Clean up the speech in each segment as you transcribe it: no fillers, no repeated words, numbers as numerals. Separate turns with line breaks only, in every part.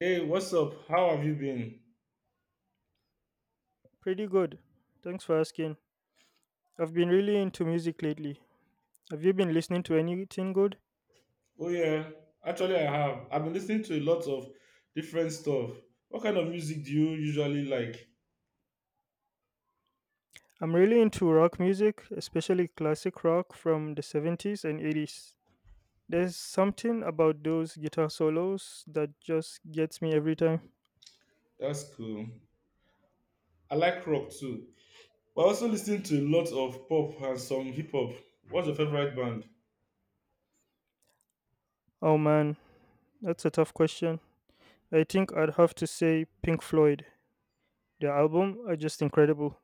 Hey, what's up? How have you been?
Pretty good. Thanks for asking. I've been really into music lately. Have you been listening to anything good?
Oh yeah, actually I have. I've been listening to a lot of different stuff. What kind of music do you usually like?
I'm really into rock music, especially classic rock from the 70s and 80s. There's something about those guitar solos that just gets me every time.
That's cool. I like rock too. But I also listen to a lot of pop and some hip hop. What's your favorite band?
Oh man, that's a tough question. I think I'd have to say Pink Floyd. Their album are just incredible.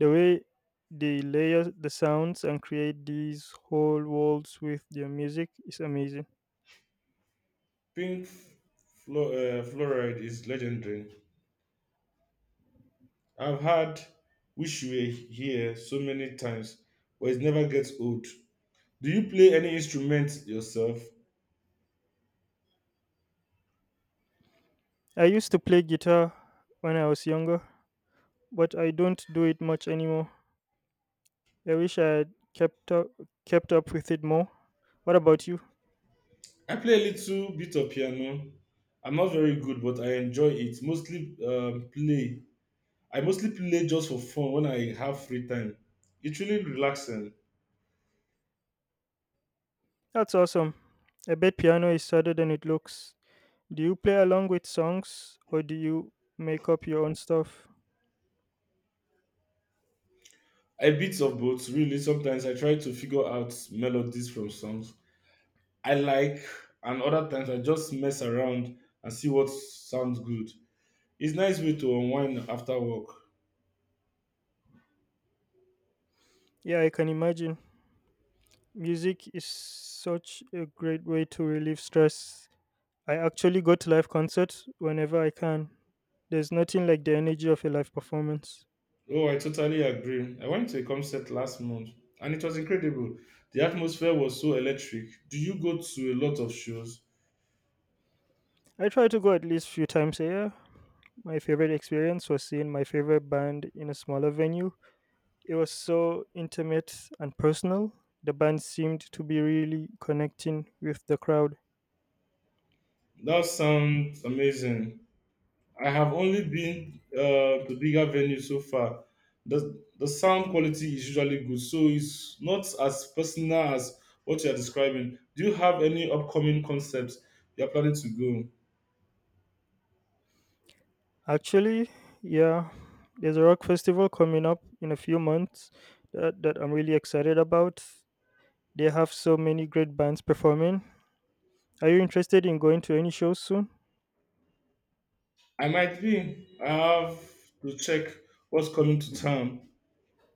The way they layer the sounds and create these whole worlds with their music is amazing.
Pink Floyd is legendary. I've had Wish You Were Here so many times, but it never gets old. Do you play any instrument yourself?
I used to play guitar when I was younger, but I don't do it much anymore. I wish I had kept up with it more. What about you?
I play a little bit of piano. I'm not very good, but I enjoy it. Mostly play. I mostly play just for fun when I have free time. It's really relaxing.
That's awesome. I bet piano is harder than it looks. Do you play along with songs or do you make up your own stuff?
I bits of both, really. Sometimes I try to figure out melodies from songs I like, and other times I just mess around and see what sounds good. It's nice way to unwind after work.
Yeah, I can imagine. Music is such a great way to relieve stress. I actually go to live concerts whenever I can. There's nothing like the energy of a live performance.
Oh, I totally agree. I went to a concert last month and it was incredible. The atmosphere was so electric. Do you go to a lot of shows?
I try to go at least few times a year. My favorite experience was seeing my favorite band in a smaller venue. It was so intimate and personal. The band seemed to be really connecting with the crowd.
That sounds amazing. I have only been to bigger venues so far. The sound quality is usually good, so it's not as personal as what you're describing. Do you have any upcoming concepts you're planning to go?
Actually, yeah, there's a rock festival coming up in a few months that I'm really excited about. They have so many great bands performing. Are you interested in going to any shows soon?
I might be. I have to check what's coming to town.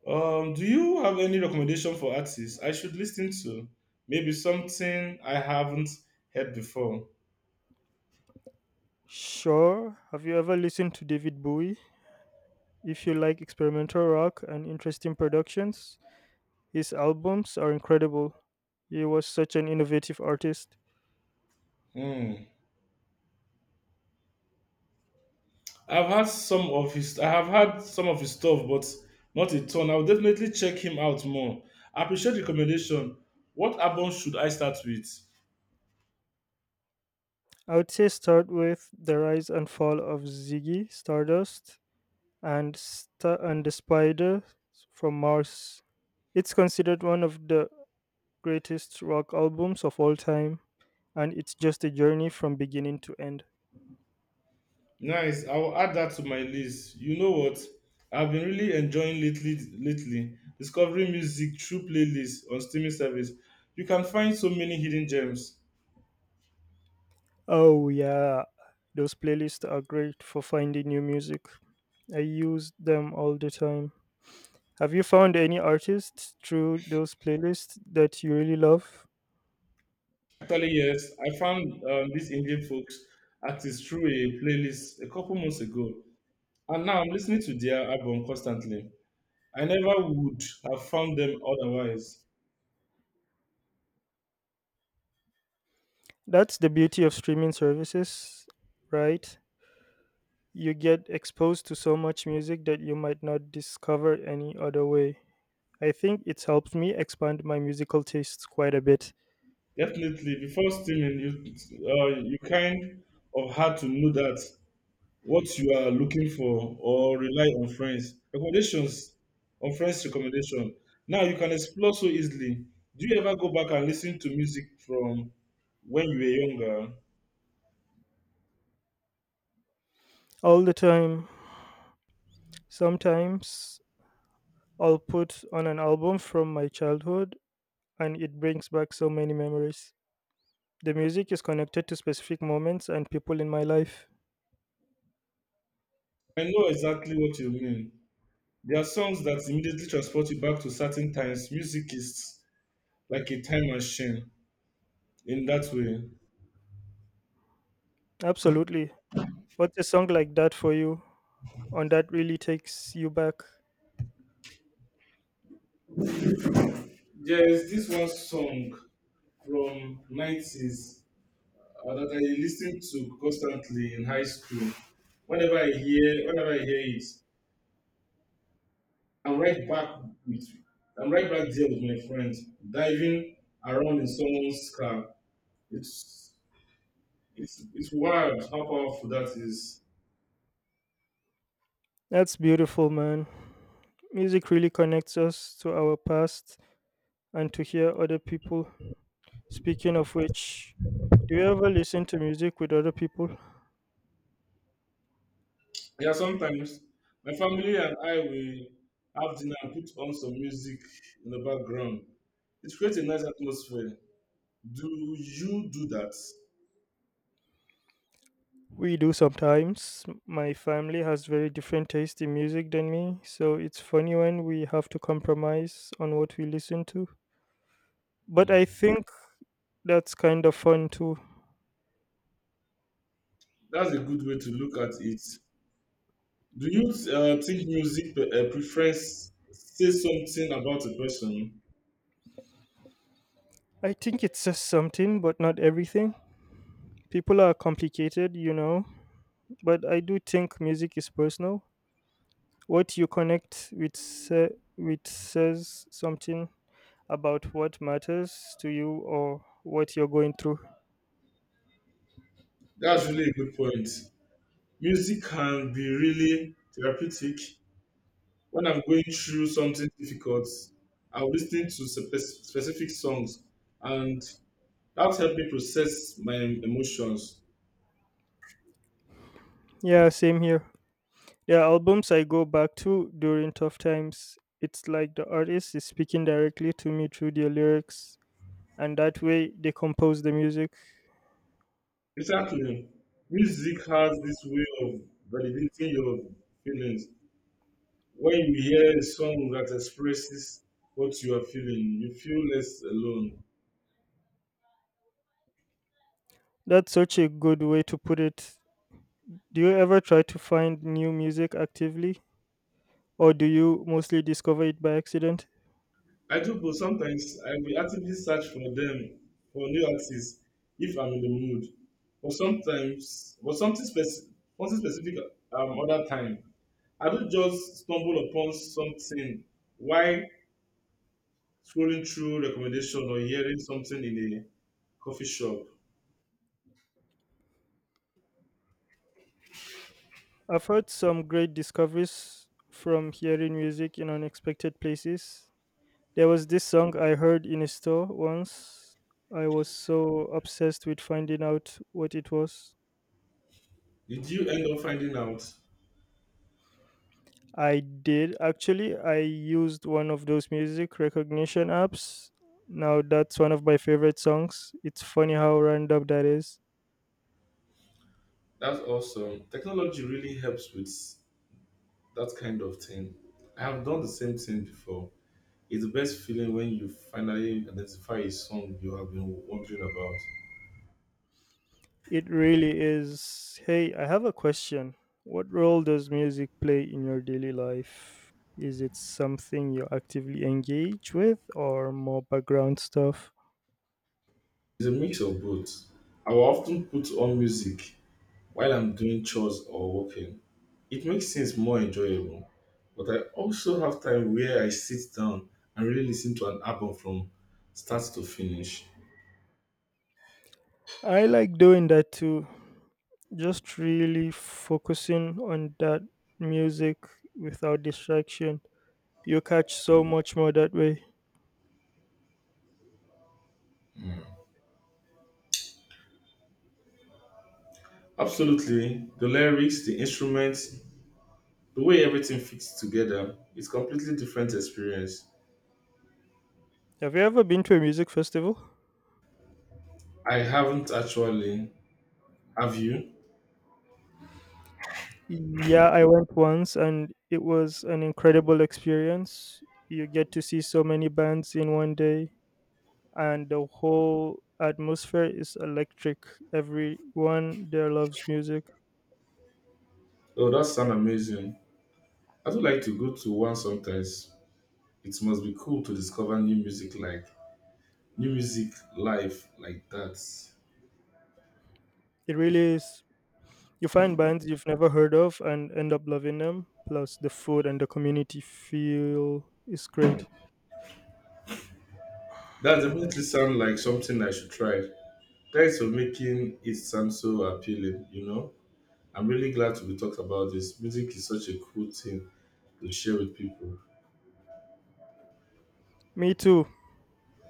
Do you have any recommendation for artists I should listen to? Maybe something I haven't heard before.
Sure. Have you ever listened to David Bowie? If you like experimental rock and interesting productions, his albums are incredible. He was such an innovative artist.
Hmm. I have had some of his stuff, but not a ton. I'll definitely check him out more. I appreciate the recommendation. What album should I start with?
I would say start with The Rise and Fall of Ziggy Stardust and and the Spider from Mars. It's considered one of the greatest rock albums of all time. And it's just a journey from beginning to end.
Nice. I'll add that to my list. You know what? I've been really enjoying lately, discovering music through playlists on streaming service. You can find so many hidden gems.
Oh yeah, those playlists are great for finding new music. I use them all the time. Have you found any artists through those playlists that you really love?
Actually, yes, I found these Indian folks artists through a playlist a couple months ago, and now I'm listening to their album constantly. I never would have found them otherwise.
That's the beauty of streaming services, right? You get exposed to so much music that you might not discover any other way. I think it's helped me expand my musical tastes quite a bit.
Definitely, before streaming, you kind of had to know that what you are looking for or rely on friends recommendation. Now you can explore so easily. Do you ever go back and listen to music from when you were younger?
All the time. Sometimes I'll put on an album from my childhood and it brings back so many memories. The music is connected to specific moments and people in my life.
I know exactly what you mean. There are songs that immediately transport you back to certain times. Music is like a time machine in that way.
Absolutely. What's a song like that for you? And that really takes you back.
There is this one song from 90s that I listened to constantly in high school. Whenever I hear it, I'm right back with I'm right back there with my friends, diving around in someone's car. It's it's wild how powerful that is.
That's beautiful, man. Music really connects us to our past and to hear other people. Speaking of which, do you ever listen to music with other people?
Yeah, sometimes my family and I will have dinner and put on some music in the background. It creates a nice atmosphere. Do you do that?
We do sometimes. My family has very different taste in music than me, so it's funny when we have to compromise on what we listen to. But I think that's kind of fun too.
That's a good way to look at it. Do you think music preference says something about a person?
I think it says something, but not everything. People are complicated, you know, but I do think music is personal. What you connect with, says something about what matters to you or what you're going through.
That's really a good point. Music can be really therapeutic. When I'm going through something difficult, I'll listen to specific songs, and that helped me process my emotions.
Yeah, same here. There are albums I go back to during tough times. It's like the artist is speaking directly to me through their lyrics, and that way they compose the music.
Exactly. Music has this way of validating your feelings. When you hear a song that expresses what you are feeling, you feel less alone.
That's such a good way to put it. Do you ever try to find new music actively, or do you mostly discover it by accident?
I do, but sometimes I will actively search for them, for new artists, if I'm in the mood. But sometimes, but something, speci- something specific, other time. I do just stumble upon something while scrolling through recommendation or hearing something in a coffee shop.
I've heard some great discoveries from hearing music in unexpected places. There was this song I heard in a store once. I was so obsessed with finding out what it was.
Did you end up finding out?
I did actually. I used one of those music recognition apps. Now that's one of my favorite songs. It's funny how random that is.
That's awesome. Technology really helps with that kind of thing. I have done the same thing before. It's the best feeling when you finally identify a song you have been wondering about.
It really is. Hey, I have a question. What role does music play in your daily life? Is it something you actively engage with or more background stuff?
It's a mix of both. I will often put on music while I'm doing chores or working, it makes things more enjoyable. But I also have time where I sit down and really listen to an album from start to finish.
I like doing that too. Just really focusing on that music without distraction. You catch so much more that way.
Absolutely, the lyrics, the instruments, the way everything fits together, it's completely different experience.
Have you ever been to a music festival?
I haven't actually. Have you?
Yeah, I went once and it was an incredible experience. You get to see so many bands in one day, and the whole atmosphere is electric. Everyone there loves music.
Oh, that sounds amazing. I would like to go to one sometimes. It must be cool to discover new music live like that.
It really is. You find bands you've never heard of and end up loving them. Plus, the food and the community feel is great.
That definitely sounds like something I should try. Thanks for making it sound so appealing. I'm really glad to be talked about this. Music is such a cool thing to share with people.
Me too.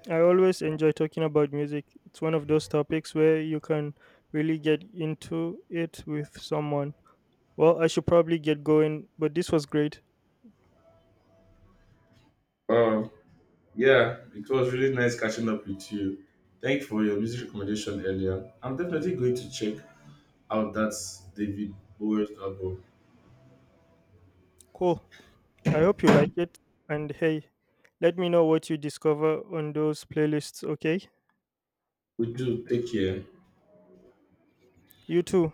I always enjoy talking about music. It's one of those topics where you can really get into it with someone. Well, I should probably get going, but this was great.
Um, yeah, it was really nice catching up with you. Thank you for your music recommendation earlier. I'm definitely going to check out that David Bowie album.
Cool. I hope you like it. And hey, let me know what you discover on those playlists, okay?
We do take care.
You too.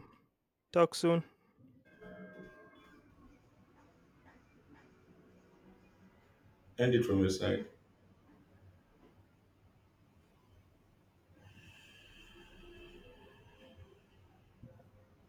Talk soon.
End it from your side.